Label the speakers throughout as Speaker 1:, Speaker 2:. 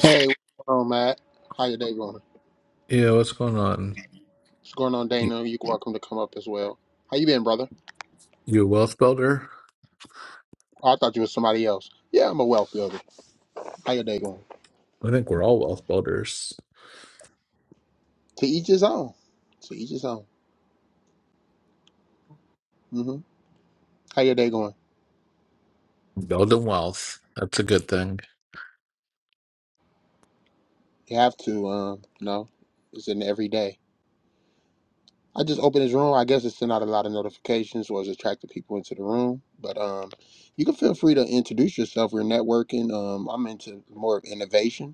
Speaker 1: Hey, what's going on, Matt? How your day going?
Speaker 2: Yeah, what's going on?
Speaker 1: What's going on,
Speaker 2: You,
Speaker 1: Dana? You're welcome to come up as well. How you been, brother?
Speaker 2: you a wealth builder?
Speaker 1: Oh, I thought you was somebody else. Yeah, I'm a wealth builder. How your day going?
Speaker 2: I think we're all wealth builders.
Speaker 1: To each his own. To each his own. hmm How your day going?
Speaker 2: Building wealth. That's a good thing.
Speaker 1: You have to, um, no, it's an everyday. I just opened his room. I guess it sent out a lot of notifications, was attracting people into the room. But um, you can feel free to introduce yourself. We're networking. Um, I'm into more of innovation,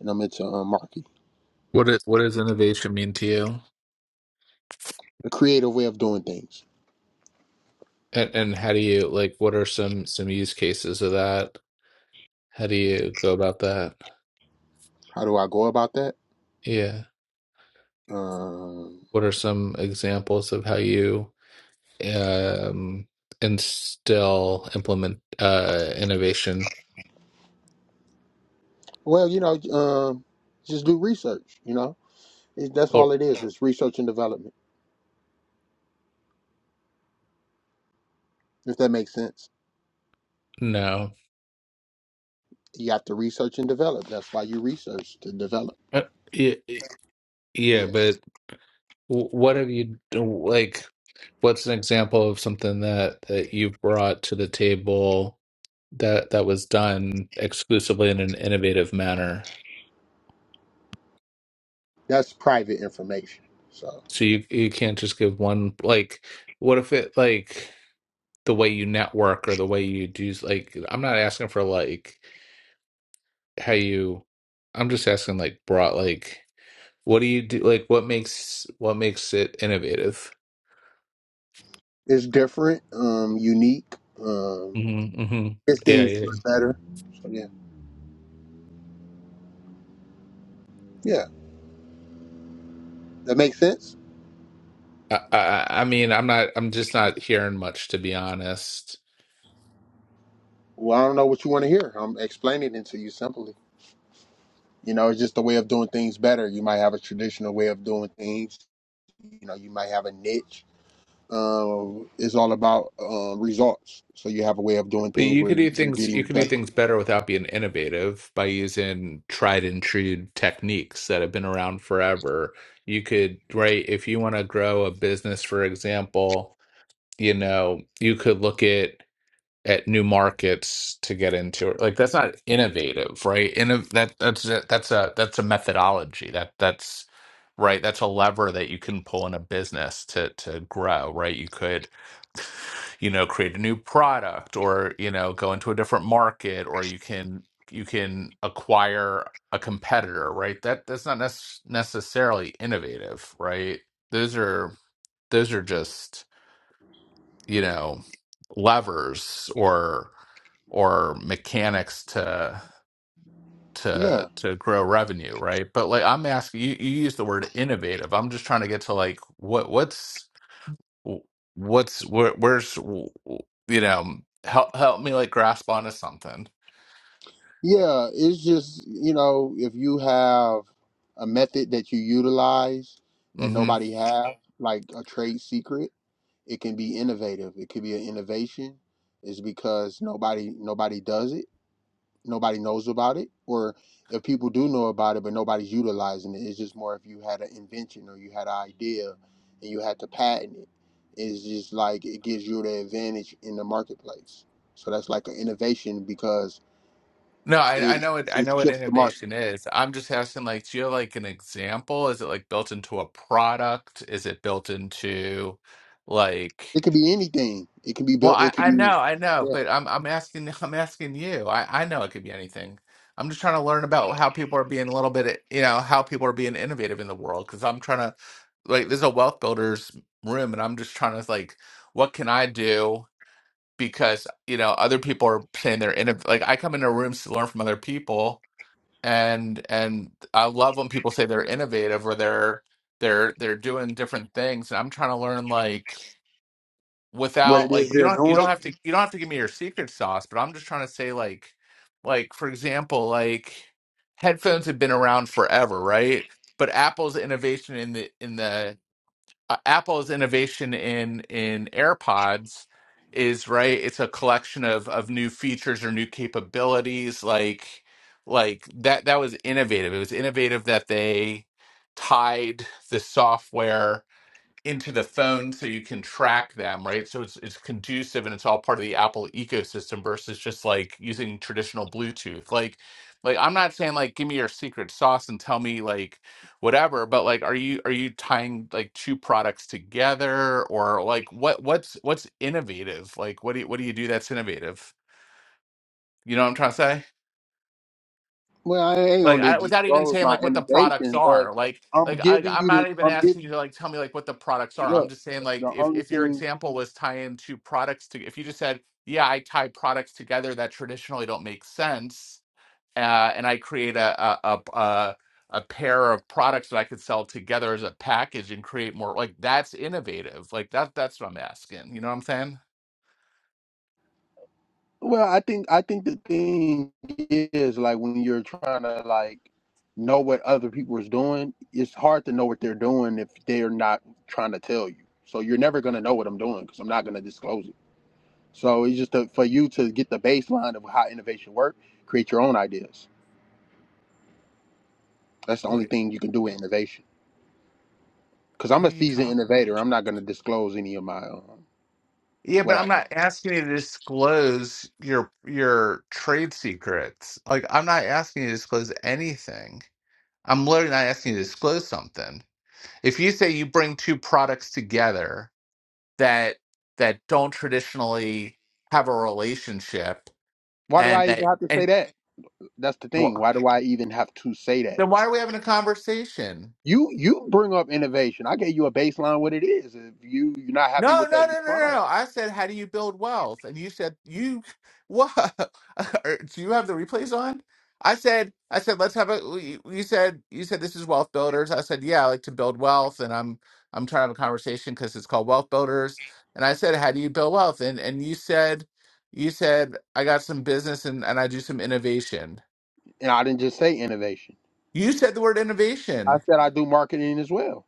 Speaker 1: and I'm into um, marketing,
Speaker 2: What is what does innovation mean to you?
Speaker 1: a creative way of doing things.
Speaker 2: And and how do you like what are some some use cases of that? How do you go about that?
Speaker 1: How do I go about that?
Speaker 2: Yeah.
Speaker 1: Um,
Speaker 2: What are some examples of how you um instill implement uh innovation?
Speaker 1: well, you know, um, just do research. You know, it, that's
Speaker 2: Or
Speaker 1: all it is. It's research and development. If that makes sense,
Speaker 2: no.
Speaker 1: you have to research and develop. That's why you research to develop.
Speaker 2: Uh, yeah, yeah,
Speaker 1: Yeah,
Speaker 2: but wh- what have you like what's an example of something that that you brought to the table that that was done exclusively in an innovative manner
Speaker 1: that's private information. So
Speaker 2: so you you can't just give one like what if it like the way you network or the way you do like i'm not asking for like how you i'm just asking like brought like what do you do like what makes what makes it innovative
Speaker 1: it's different, um, unique. Um,
Speaker 2: hmm hmm
Speaker 1: it's
Speaker 2: yeah
Speaker 1: things
Speaker 2: yeah
Speaker 1: done better. So yeah, yeah, that makes sense.
Speaker 2: I, I i mean i'm not i'm just not hearing much to be honest
Speaker 1: Well, I don't know what you want to hear. I'm explaining it to you simply. You know, it's just a way of doing things better. You might have a traditional way of doing things. You know, you might have a niche Um, is all about uh, results. So you have a way of doing
Speaker 2: But
Speaker 1: things
Speaker 2: you
Speaker 1: where
Speaker 2: could do
Speaker 1: you're
Speaker 2: things you
Speaker 1: getting
Speaker 2: could do
Speaker 1: better.
Speaker 2: things better without being innovative by using tried and true techniques that have been around forever. You could, right, if you want to grow a business, for example, you know, you could look at at new markets to get into it. Like that's not innovative, right? Inno that that's a, that's a that's a methodology. That that's right. That's a lever that you can pull in a business to to grow, right? You could, you know, create a new product or, you know, go into a different market or you can you can acquire a competitor, right? That that's not nec necessarily innovative, right? Those are those are just you know levers or or mechanics to
Speaker 1: Yeah,
Speaker 2: to to grow revenue right but like i'm asking you you use the word innovative i'm just trying to get to like what what's what's where, where's you know help help me like grasp onto something
Speaker 1: yeah. It's just you know if you have a method that you utilize that
Speaker 2: hmm
Speaker 1: nobody has, like a trade secret, it can be innovative. It could be an innovation. It's because nobody nobody does it nobody knows about it or if people do know about it but nobody's utilizing it it's just more if you had an invention or you had an idea and you had to patent it it's just like it gives you the advantage in the marketplace so that's like an innovation because
Speaker 2: no I, I
Speaker 1: it
Speaker 2: know it i
Speaker 1: it
Speaker 2: know what
Speaker 1: shifts the market
Speaker 2: innovation is i'm just asking like do you have like an example is it like built into a product is it built into like
Speaker 1: it could be anything it can be
Speaker 2: Well,
Speaker 1: built
Speaker 2: I,
Speaker 1: it could
Speaker 2: I
Speaker 1: be
Speaker 2: know, I know,
Speaker 1: yeah,
Speaker 2: but I'm I'm asking I'm asking you. I, I know it could be anything. I'm just trying to learn about how people are being a little bit, you know, how people are being innovative in the world. Because I'm trying to, like, this is a wealth builders room, and I'm just trying to like, what can I do? Because you know, other people are saying they're innovative. Like, I come into rooms to learn from other people, and and I love when people say they're innovative or they're they're they're doing different things. And I'm trying to learn like
Speaker 1: what
Speaker 2: without
Speaker 1: it
Speaker 2: like
Speaker 1: is
Speaker 2: you
Speaker 1: they're
Speaker 2: don't you
Speaker 1: doing
Speaker 2: don't have to you don't have to give me your secret sauce, but I'm just trying to say like like for example, like headphones have been around forever, right? But Apple's innovation in the in the uh, Apple's innovation in in AirPods is right, it's a collection of of new features or new capabilities like like that that was innovative. It was innovative that they tied the software into the phone so you can track them, right? So it's it's conducive and it's all part of the Apple ecosystem versus just like using traditional Bluetooth. Like like I'm not saying like give me your secret sauce and tell me like whatever, but like are you are you tying like two products together or like what what's what's innovative? Like what do you what do you do that's innovative? You know what I'm trying to say?
Speaker 1: well i ain't
Speaker 2: like
Speaker 1: gonna
Speaker 2: I, without even
Speaker 1: disclose
Speaker 2: saying
Speaker 1: my
Speaker 2: like what the products
Speaker 1: innovation but
Speaker 2: are like
Speaker 1: i'm
Speaker 2: like I,
Speaker 1: giving
Speaker 2: i'm
Speaker 1: you the
Speaker 2: not even
Speaker 1: i'm giving
Speaker 2: asking you to like tell me like what the products are i'm
Speaker 1: look
Speaker 2: just saying
Speaker 1: the
Speaker 2: like if,
Speaker 1: only
Speaker 2: if your
Speaker 1: thing
Speaker 2: example was tying two products to if you just said yeah i tie products together that traditionally don't make sense uh, and i create a a, a a a pair of products that i could sell together as a package and create more like that's innovative like that that's what i'm asking you know what i'm saying
Speaker 1: Well, I think I think the thing is like when you're trying to like know what other people is doing, it's hard to know what they're doing if they're not trying to tell you. So you're never gonna know what I'm doing because I'm not gonna disclose it. So it's just to, for you to get the baseline of how innovation works, create your own ideas. That's the only
Speaker 2: what
Speaker 1: thing you can do with innovation. Because I'm
Speaker 2: what are
Speaker 1: a
Speaker 2: you
Speaker 1: seasoned
Speaker 2: talking
Speaker 1: innovator, I'm not gonna disclose any of my um,
Speaker 2: Yeah,
Speaker 1: what
Speaker 2: but I'm
Speaker 1: I.
Speaker 2: not asking you to disclose your your trade secrets. Like I'm not asking you to disclose anything. I'm literally not asking you to disclose something. If you say you bring two products together that that don't traditionally have a relationship
Speaker 1: Why do
Speaker 2: and
Speaker 1: I even
Speaker 2: that
Speaker 1: have to say
Speaker 2: and
Speaker 1: that? That's the
Speaker 2: well,
Speaker 1: thing. Why do I even have to say that?
Speaker 2: then why are we having a conversation?
Speaker 1: You you bring up innovation. I gave you a baseline what it is. If you you're not happy
Speaker 2: No,
Speaker 1: with that
Speaker 2: no, no, no, no.
Speaker 1: response,
Speaker 2: no. I said, how do you build wealth? And you said, you what? Or, Do you have the replays on? I said, I said, let's have a. You you said, you said this is wealth builders. I said, yeah, I like to build wealth, and I'm I'm trying to have a conversation because it's called wealth builders. And I said, how do you build wealth? And and you said, you said I got some business and and I do some innovation.
Speaker 1: and I didn't just say innovation.
Speaker 2: You said the word
Speaker 1: I
Speaker 2: innovation.
Speaker 1: said I do marketing as well.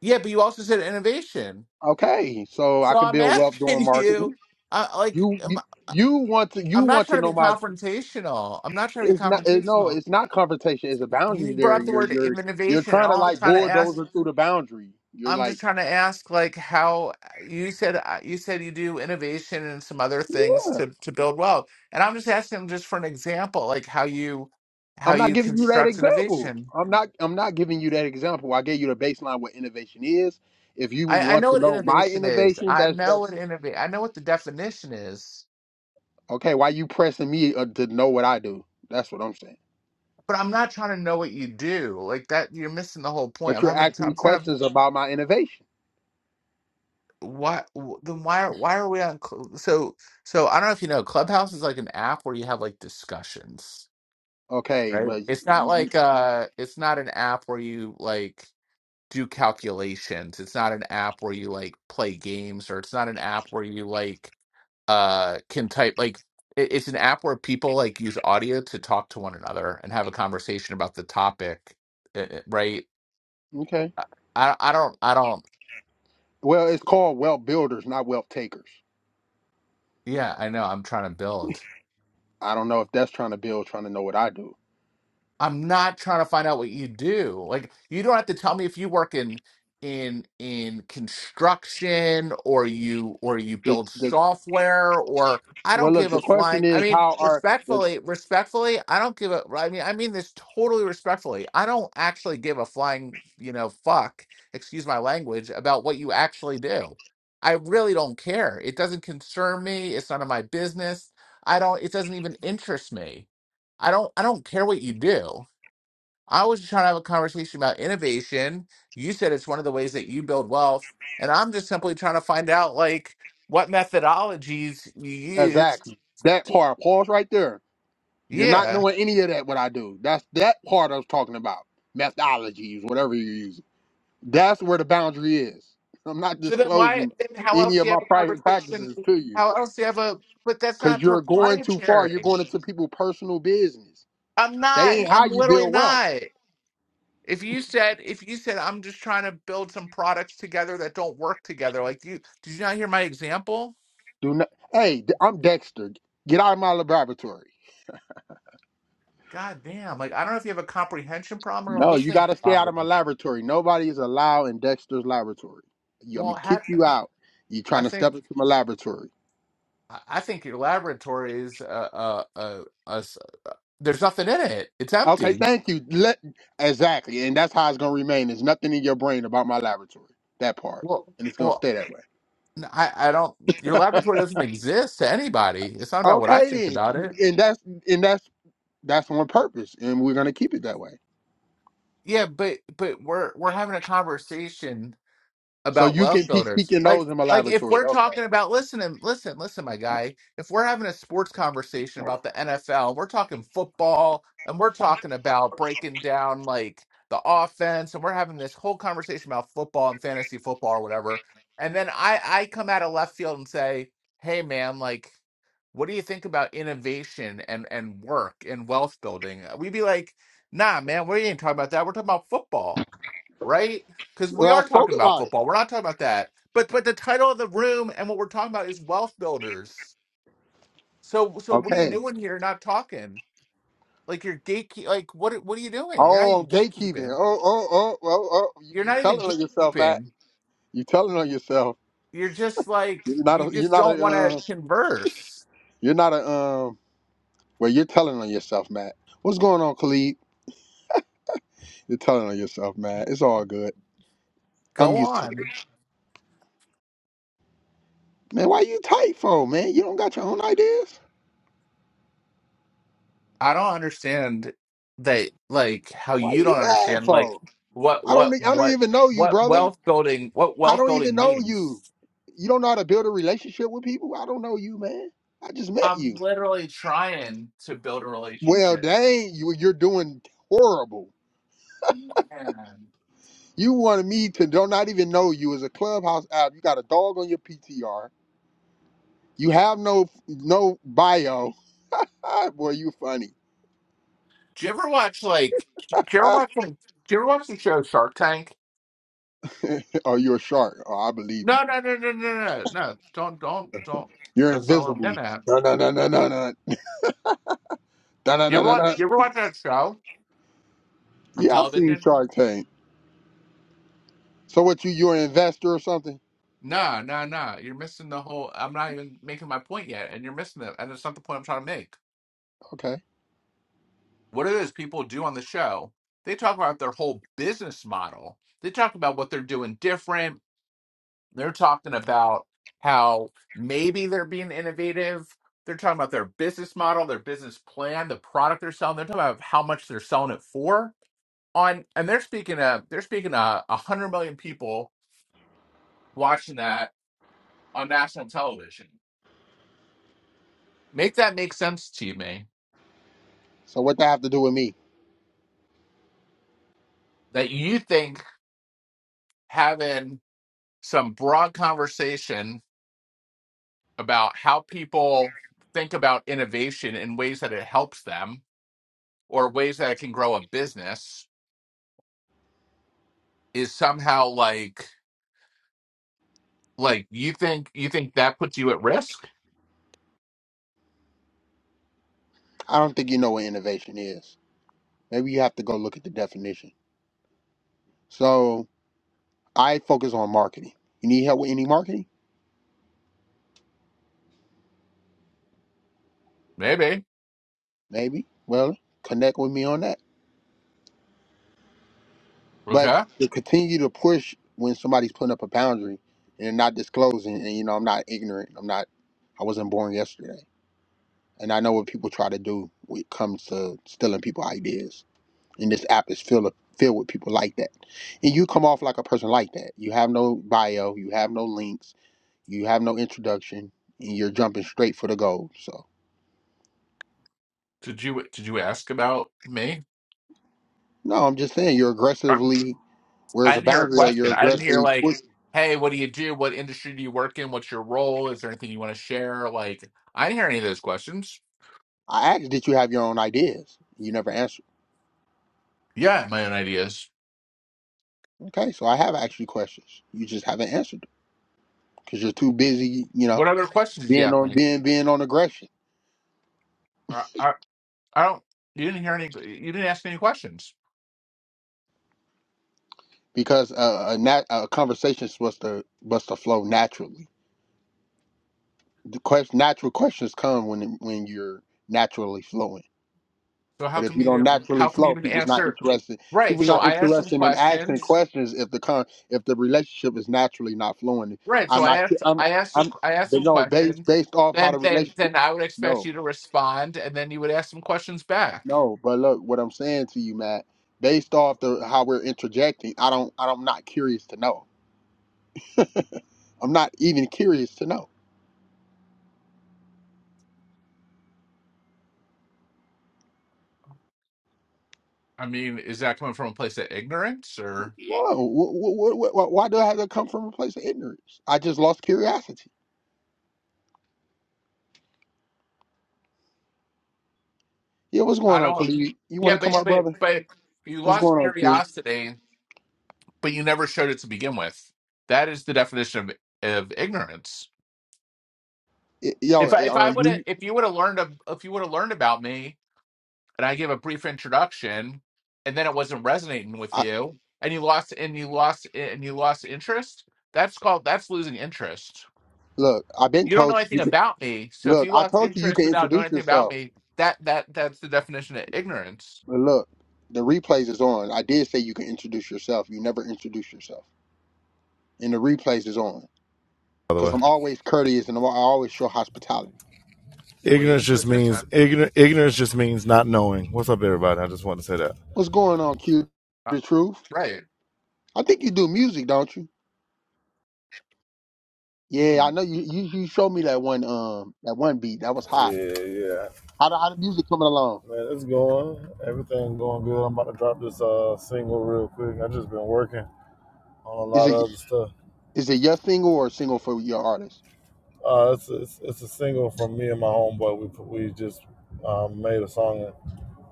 Speaker 2: Yeah, but you also said innovation.
Speaker 1: Okay, so I
Speaker 2: So
Speaker 1: can
Speaker 2: I'm
Speaker 1: build wealth doing
Speaker 2: asking
Speaker 1: marketing.
Speaker 2: you, I, like.
Speaker 1: You
Speaker 2: um,
Speaker 1: you, you want to you
Speaker 2: I'm not
Speaker 1: want to
Speaker 2: trying to
Speaker 1: know
Speaker 2: be
Speaker 1: my.
Speaker 2: confrontational. I'm not trying to be
Speaker 1: It's not it, no.
Speaker 2: confrontational.
Speaker 1: It's not confrontation. It's a
Speaker 2: You
Speaker 1: boundary there,
Speaker 2: brought
Speaker 1: and
Speaker 2: the
Speaker 1: you're
Speaker 2: word
Speaker 1: you're you're
Speaker 2: innovation, and
Speaker 1: trying to
Speaker 2: all I'm
Speaker 1: like
Speaker 2: trying to ask,
Speaker 1: bulldozer through the boundary. You're
Speaker 2: I'm
Speaker 1: like.
Speaker 2: just trying to ask, like how you said uh, you said you do innovation and some other things to to build wealth, and I'm just asking just for an example, like how you how
Speaker 1: I'm not
Speaker 2: you
Speaker 1: giving you that
Speaker 2: construct
Speaker 1: example.
Speaker 2: innovation.
Speaker 1: I'm not I'm not giving you that example. I gave you the baseline what innovation is. If you
Speaker 2: I, I
Speaker 1: want
Speaker 2: know
Speaker 1: to
Speaker 2: what
Speaker 1: know my
Speaker 2: innovation is.
Speaker 1: innovation,
Speaker 2: I
Speaker 1: that's
Speaker 2: know what
Speaker 1: that's
Speaker 2: innovate. I know what the definition is,
Speaker 1: okay. Why you pressing me uh, to know what I do? That's what I'm saying.
Speaker 2: but I'm not trying to know what you do. Like that, you're missing the whole point.
Speaker 1: But
Speaker 2: I'm
Speaker 1: you're
Speaker 2: having. I'm
Speaker 1: asking me
Speaker 2: trying to have
Speaker 1: questions about my innovation.
Speaker 2: why w- then why are why are we on Cl- so so I don't know if you know Clubhouse is like an app where you have like discussions
Speaker 1: Okay,
Speaker 2: right
Speaker 1: but
Speaker 2: it's not like uh it's not an app where you like do calculations it's not an app where you like play games or it's not an app where you like uh can type like it, it's an app where people like use audio to talk to one another and have a conversation about the topic uh, uh, right
Speaker 1: okay.
Speaker 2: I I I don't I don't
Speaker 1: Well, it's called wealth builders, not wealth takers.
Speaker 2: yeah I know I'm trying to build
Speaker 1: I don't know if that's trying to build, trying to know what I do.
Speaker 2: I'm not trying to find out what you do. Like you don't have to tell me if you work in in in construction or you or you
Speaker 1: The-
Speaker 2: build
Speaker 1: the-
Speaker 2: software or I
Speaker 1: well,
Speaker 2: don't
Speaker 1: look,
Speaker 2: give
Speaker 1: the
Speaker 2: a
Speaker 1: question
Speaker 2: flying. I
Speaker 1: is
Speaker 2: mean,
Speaker 1: how are the
Speaker 2: respectfully, respectfully, I don't give a well, I mean, I mean this totally respectfully. I don't actually give a flying, you know, fuck, excuse my language, about what you actually do. I really don't care. It doesn't concern me. It's none of my business. I don't it doesn't even interest me. I don't I don't care what you do. I was just trying to have a conversation about innovation. You said it's one of the ways that you build wealth, and I'm just simply trying to find out like what methodologies you used.
Speaker 1: exactly that
Speaker 2: To,
Speaker 1: part? Pause right there. You're not
Speaker 2: yeah.
Speaker 1: knowing any of that what I do. That's that part I was talking about. Methodologies, whatever you're using. That's where the boundary is. I'm not
Speaker 2: So then, why?
Speaker 1: disclosing
Speaker 2: Then how
Speaker 1: any
Speaker 2: else do
Speaker 1: of
Speaker 2: you
Speaker 1: my
Speaker 2: have a
Speaker 1: private
Speaker 2: conversation?
Speaker 1: practices to you
Speaker 2: How else do you have a? But that's
Speaker 1: because
Speaker 2: not
Speaker 1: you're going too far. You're
Speaker 2: proprietary.
Speaker 1: going into people's personal business.
Speaker 2: I'm
Speaker 1: That
Speaker 2: not.
Speaker 1: ain't how
Speaker 2: I'm
Speaker 1: you
Speaker 2: literally
Speaker 1: build wealth.
Speaker 2: not. If you said, if you said, I'm just trying to build some products together that don't work together, like do you, did you not hear my example?
Speaker 1: Do not. Hey, I'm Dexter. Get out of my laboratory.
Speaker 2: God damn! Like I don't know if you have a comprehension problem or a
Speaker 1: No, you
Speaker 2: listening
Speaker 1: got to stay out of my
Speaker 2: problem.
Speaker 1: laboratory. Nobody is allowed in Dexter's laboratory. You, I'm
Speaker 2: Well,
Speaker 1: gonna
Speaker 2: ha-
Speaker 1: kick you out. You're
Speaker 2: I
Speaker 1: trying to step
Speaker 2: think
Speaker 1: into my laboratory.
Speaker 2: I I think your laboratory is uh, uh, uh, uh, s- there's nothing in it. It's
Speaker 1: Okay,
Speaker 2: empty.
Speaker 1: thank you. Let exactly, and that's how it's gonna remain. There's nothing in your brain about my laboratory. That part,
Speaker 2: Well,
Speaker 1: and it's gonna
Speaker 2: well,
Speaker 1: stay that way.
Speaker 2: n- I I don't. Your laboratory doesn't exist to anybody. It's not about what I think
Speaker 1: Okay,
Speaker 2: about
Speaker 1: then,
Speaker 2: it.
Speaker 1: and that's and that's that's on purpose, and we're gonna keep it that way.
Speaker 2: Yeah, but but we're we're having a conversation
Speaker 1: So
Speaker 2: about
Speaker 1: you can
Speaker 2: wealth
Speaker 1: peek peek
Speaker 2: builders.
Speaker 1: your
Speaker 2: Like
Speaker 1: nose in my
Speaker 2: like if
Speaker 1: laboratory.
Speaker 2: we're
Speaker 1: Okay.
Speaker 2: talking about listen and listen, listen, my guy, if we're having a sports conversation about the NFL, we're talking football and we're talking about breaking down like the offense and we're having this whole conversation about football and fantasy football or whatever. And then I I come out of left field and say, "Hey man, like what do you think about innovation and and work and wealth building?" We'd be like, "Nah, man, we ain't talking about that. We're talking about football." Right? because we
Speaker 1: Well, I
Speaker 2: are
Speaker 1: spoke
Speaker 2: talking about
Speaker 1: about it.
Speaker 2: football. We're not talking about that. But but the title of the room and what we're talking about is wealth builders. So so what are you
Speaker 1: Okay.
Speaker 2: doing here? Not talking like you're gatekeep. Like what what are you doing? You're not
Speaker 1: Oh,
Speaker 2: even
Speaker 1: gatekeeping.
Speaker 2: gatekeeping.
Speaker 1: Oh, oh, oh, oh, oh. You,
Speaker 2: You're
Speaker 1: you
Speaker 2: not even
Speaker 1: telling on yourself, Matt.
Speaker 2: gatekeeping.
Speaker 1: You telling on yourself.
Speaker 2: You're just like
Speaker 1: You're not
Speaker 2: you
Speaker 1: a. You're
Speaker 2: just
Speaker 1: not
Speaker 2: don't
Speaker 1: a.
Speaker 2: want to
Speaker 1: Um,
Speaker 2: converse.
Speaker 1: you're not a. Um. Well, you're telling on yourself, Matt. What's going on, Khalid? You're telling on yourself, man. It's all good. I'm
Speaker 2: Go
Speaker 1: used to it.
Speaker 2: on.
Speaker 1: Man, why you tight for, man? You don't got your own ideas?
Speaker 2: I don't understand that. Like how
Speaker 1: Why
Speaker 2: you
Speaker 1: you
Speaker 2: don't
Speaker 1: mad
Speaker 2: understand. Like
Speaker 1: for?
Speaker 2: what
Speaker 1: I don't
Speaker 2: what
Speaker 1: e- I don't
Speaker 2: what
Speaker 1: even know you,
Speaker 2: what
Speaker 1: brother.
Speaker 2: wealth building what
Speaker 1: I
Speaker 2: wealth
Speaker 1: don't even
Speaker 2: building
Speaker 1: know
Speaker 2: means.
Speaker 1: you. You don't know how to build a relationship with people? I don't know you, man. I just met you.
Speaker 2: I'm literally trying to build a
Speaker 1: Well,
Speaker 2: relationship.
Speaker 1: dang, you you're doing horrible.
Speaker 2: Man.
Speaker 1: You wanted me to do not even know you as a clubhouse app. You got a dog on your PTR. You have no no bio. Ah, boy, you funny.
Speaker 2: Do you ever watch like? Do you ever
Speaker 1: Ah,
Speaker 2: watch? like- Do you ever watch the show Shark Tank?
Speaker 1: oh, you're a shark. Oh, I believe you.
Speaker 2: No, no, no, no, no, no, no. Don't, don't, don't.
Speaker 1: You're
Speaker 2: That's not what I'm
Speaker 1: invisible.
Speaker 2: getting at.
Speaker 1: No, no, no, no, no, no, no, no,
Speaker 2: You
Speaker 1: no,
Speaker 2: ever
Speaker 1: no.
Speaker 2: watch?
Speaker 1: no.
Speaker 2: You ever watch that show on
Speaker 1: Yeah, I've seen
Speaker 2: television?
Speaker 1: Shark Tank. So what? You you're an investor or something?
Speaker 2: No, no, no. You're missing the whole. I'm not even making my point yet, and you're missing it. And it's not the point I'm trying to make.
Speaker 1: Okay.
Speaker 2: What it is people do on the show, they talk about their whole business model. They talk about what they're doing different They're talking about how maybe they're being innovative. They're talking about their business model, their business plan, the product they're selling. They're talking about how much they're selling it for. On and they're speaking of they're speaking of a hundred million people watching that on national television. Make that make sense to you, May.
Speaker 1: So what that have to do with me?
Speaker 2: That you think having some broad conversation about how people think about innovation in ways that it helps them or ways that it can grow a business is somehow like like you think you think that puts you at risk?
Speaker 1: I don't think you know what innovation is. Maybe you have to go look at the definition. So I focus on marketing. You need help with any marketing?
Speaker 2: Maybe.
Speaker 1: Maybe. Well, connect with me on that. But
Speaker 2: Okay.
Speaker 1: to continue to push when somebody's putting up a boundary and not disclosing, and you know I'm not ignorant. I'm not. I wasn't born yesterday. And I know what people try to do when it comes to stealing people ideas. And this app is filled of, filled with people like that. And you come off like a person like that. You have no bio, you have no links, you have no introduction, and you're jumping straight for the goal. So
Speaker 2: Did you did you ask about me?
Speaker 1: no, I'm just saying you're
Speaker 2: Um,
Speaker 1: aggressively where's
Speaker 2: I
Speaker 1: the
Speaker 2: didn't hear a
Speaker 1: boundary at you're
Speaker 2: question. I didn't hear
Speaker 1: aggressively
Speaker 2: like,
Speaker 1: pushing.
Speaker 2: hey, what do you do? What industry do you work in? What's your role? Is there anything you want to share? Like, I didn't hear any of those questions.
Speaker 1: I asked did you have your own ideas? You never answered.
Speaker 2: Yeah, my own ideas.
Speaker 1: Okay, so I have asked you questions. You just haven't answered them because you're too busy, you
Speaker 2: What
Speaker 1: know,
Speaker 2: other questions did you
Speaker 1: being
Speaker 2: ask
Speaker 1: on
Speaker 2: me?
Speaker 1: being being on aggression.
Speaker 2: I I, I don't. You didn't hear any. You didn't ask me any questions.
Speaker 1: because uh, a, nat- a conversation is supposed to supposed to flow naturally. The quest- natural questions come when it- when you're naturally flowing.
Speaker 2: So how
Speaker 1: But if
Speaker 2: come
Speaker 1: you
Speaker 2: you
Speaker 1: don't
Speaker 2: didn't?
Speaker 1: naturally
Speaker 2: How come you
Speaker 1: flow,
Speaker 2: didn't
Speaker 1: people's not
Speaker 2: answer?
Speaker 1: interested.
Speaker 2: Right.
Speaker 1: People's
Speaker 2: So
Speaker 1: not
Speaker 2: I asked some
Speaker 1: interested in asking
Speaker 2: questions
Speaker 1: questions if the con- if the relationship is naturally not flowing.
Speaker 2: Right. So
Speaker 1: I'm
Speaker 2: I
Speaker 1: not. ki-
Speaker 2: asked,
Speaker 1: I'm.
Speaker 2: I asked, a,
Speaker 1: I'm.
Speaker 2: I asked
Speaker 1: But
Speaker 2: some
Speaker 1: no, based
Speaker 2: questions.
Speaker 1: based off how the
Speaker 2: Then, then,
Speaker 1: relationship.
Speaker 2: then I would expect
Speaker 1: No,
Speaker 2: you to respond, and then you would ask some questions back.
Speaker 1: no. But look, what I'm saying to you, Matt, based off the how we're interjecting, I don't. I don't- I'm not curious to know. I'm not even curious to know.
Speaker 2: I mean, is that coming from a place of ignorance, or
Speaker 1: Whoa, wh- wh- wh- wh- why do I have to come from a place of ignorance? I just lost curiosity. Yeah, what's
Speaker 2: I
Speaker 1: going on,
Speaker 2: don't?
Speaker 1: Khalid? You want
Speaker 2: Yeah,
Speaker 1: to come
Speaker 2: but
Speaker 1: up,
Speaker 2: but
Speaker 1: brother?
Speaker 2: but you
Speaker 1: What's
Speaker 2: lost
Speaker 1: going on, Q?
Speaker 2: curiosity, but you never showed it to begin with. That is the definition of of ignorance.
Speaker 1: Y- Yo,
Speaker 2: If I
Speaker 1: eh,
Speaker 2: if I
Speaker 1: um,
Speaker 2: would have
Speaker 1: you,
Speaker 2: if you would have learned of if you would have learned about me and I gave a brief introduction, and then it wasn't resonating with
Speaker 1: I,
Speaker 2: you, and you lost and you lost and you lost interest. That's called that's losing interest.
Speaker 1: look, I've been
Speaker 2: You don't know
Speaker 1: told
Speaker 2: anything
Speaker 1: you can,
Speaker 2: about me, so if
Speaker 1: look,
Speaker 2: you
Speaker 1: I
Speaker 2: lost
Speaker 1: told you you
Speaker 2: interest
Speaker 1: can
Speaker 2: without knowing
Speaker 1: introduce
Speaker 2: anything about
Speaker 1: yourself.
Speaker 2: me, that that that's the definition of ignorance.
Speaker 1: But look, the replays is on. I did say you can introduce yourself. You never introduce yourself. And the replays is on.
Speaker 3: by the
Speaker 1: Because
Speaker 3: way.
Speaker 1: I'm always courteous and I'm, I always show hospitality.
Speaker 2: What are you
Speaker 3: Ignorance
Speaker 2: into
Speaker 3: just
Speaker 2: it this
Speaker 3: means
Speaker 2: time?
Speaker 3: ignorance. Ignorance just means not knowing. What's up, everybody? I just want to say that.
Speaker 1: What's going on, Q?
Speaker 2: Uh,
Speaker 1: The truth?
Speaker 2: right.
Speaker 1: I think you do music, don't you? Yeah, I
Speaker 2: Mm.
Speaker 1: know you, you you showed me that one um that one beat that was hot.
Speaker 3: Yeah, yeah,
Speaker 1: How the, how the music coming along?
Speaker 3: man, it's going. Everything going good. I'm about to drop this uh single real quick. I just been working on a
Speaker 1: Is
Speaker 3: lot
Speaker 1: it
Speaker 3: of other stuff.
Speaker 1: is it your single or a single for your artist?
Speaker 3: Uh, it's it's, it's a single from me and my homeboy. We put- we just um, made a song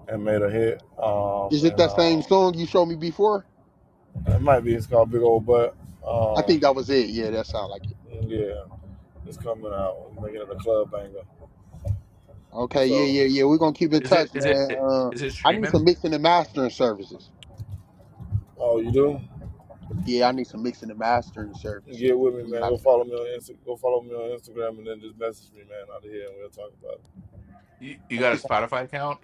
Speaker 3: and made a hit. Um,
Speaker 1: Is it
Speaker 3: and
Speaker 1: that
Speaker 3: uh,
Speaker 1: same song you showed me before?
Speaker 3: it might be it's called Big Old Butt.
Speaker 1: I think
Speaker 3: Um,
Speaker 1: that was it. Yeah, that sounds like it.
Speaker 3: yeah, it's coming out. We're making it a club banger.
Speaker 1: Okay, yeah,
Speaker 3: So,
Speaker 1: yeah, yeah. We're gonna keep in
Speaker 2: Is it
Speaker 1: touch,
Speaker 2: is it
Speaker 1: man. Uh,
Speaker 2: is it
Speaker 1: I need some
Speaker 2: streaming?
Speaker 1: mixing and mastering services.
Speaker 3: oh, you do?
Speaker 1: Yeah, I need some mixing and mastering services.
Speaker 3: Get with me,
Speaker 1: I'm
Speaker 3: man.
Speaker 1: not-
Speaker 3: Go follow me on Insta- go follow me on Instagram, and then just message me, man, out of here, and we'll talk about it.
Speaker 2: You you
Speaker 1: I
Speaker 2: got a
Speaker 1: think.
Speaker 2: Spotify account?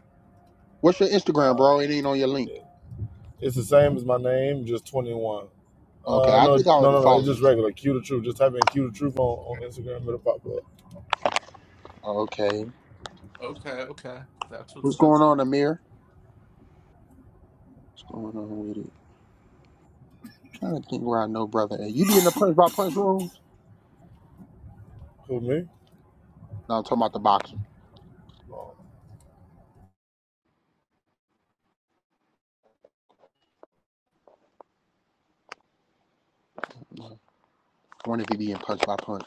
Speaker 1: What's your Instagram,
Speaker 3: Uh,
Speaker 1: bro? It ain't on your link.
Speaker 3: it- It's the same as my name, just twenty one.
Speaker 1: Okay,
Speaker 3: Uh,
Speaker 1: I
Speaker 3: no,
Speaker 1: think I
Speaker 3: no,
Speaker 1: already
Speaker 3: no, no. It's
Speaker 1: follow you.
Speaker 3: just
Speaker 1: Too.
Speaker 3: regular. Q the truth. Just type in Q the truth on, on Instagram. It'll pop up.
Speaker 1: Okay,
Speaker 2: Okay, okay. That's what's
Speaker 1: what's
Speaker 2: up.
Speaker 1: going on, Amir? What's going on with it? I don't think where I know brother. A. You be in the punch by punch rooms?
Speaker 3: Who me?
Speaker 1: No, I'm talking about the boxing.
Speaker 3: Oh.
Speaker 1: I wonder if you be in punch by punch.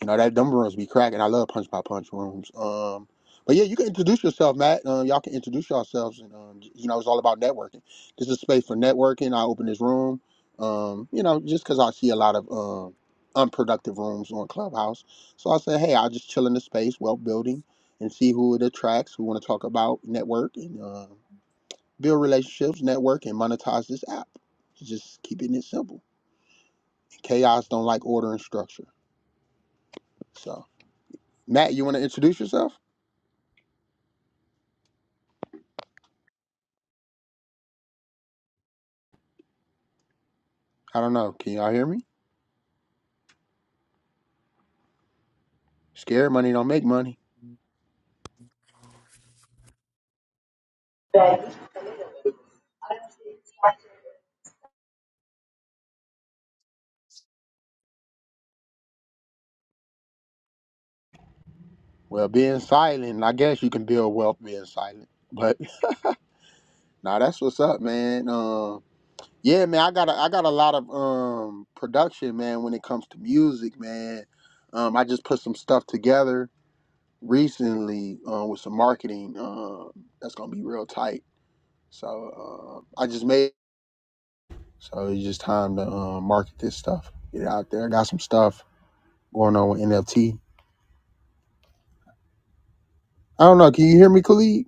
Speaker 1: You know that them rooms be cracking. I love punch by punch rooms. Um, but yeah, you can introduce yourself, Matt. Um, y'all can introduce yourselves, and um, you know it's all about networking. This is space for networking. I open this room. Um, you know, just because I see a lot of um unproductive rooms on Clubhouse, so I say, hey, I'll just chill in the space, wealth building, and see who it attracts, who want to talk about network networking. um, build relationships, network, and monetize this app. Just keeping it simple. Chaos don't like order and structure. So, Matt, you want to introduce yourself? I don't know. Can y'all hear me? Scared money don't make money.
Speaker 4: Right
Speaker 1: Well, being silent, I guess you can build wealth being silent. But nah, that's what's up, man. Um, yeah, man, I got a, I got a lot of um production, man. When it comes to music, man, um, I just put some stuff together recently uh, with some marketing. Um, that's gonna be real tight So uh, I just made. So it's just time to uh, market this stuff, get it out there. I got some stuff going on with NFT. I don't know. Can you hear me, Khalid?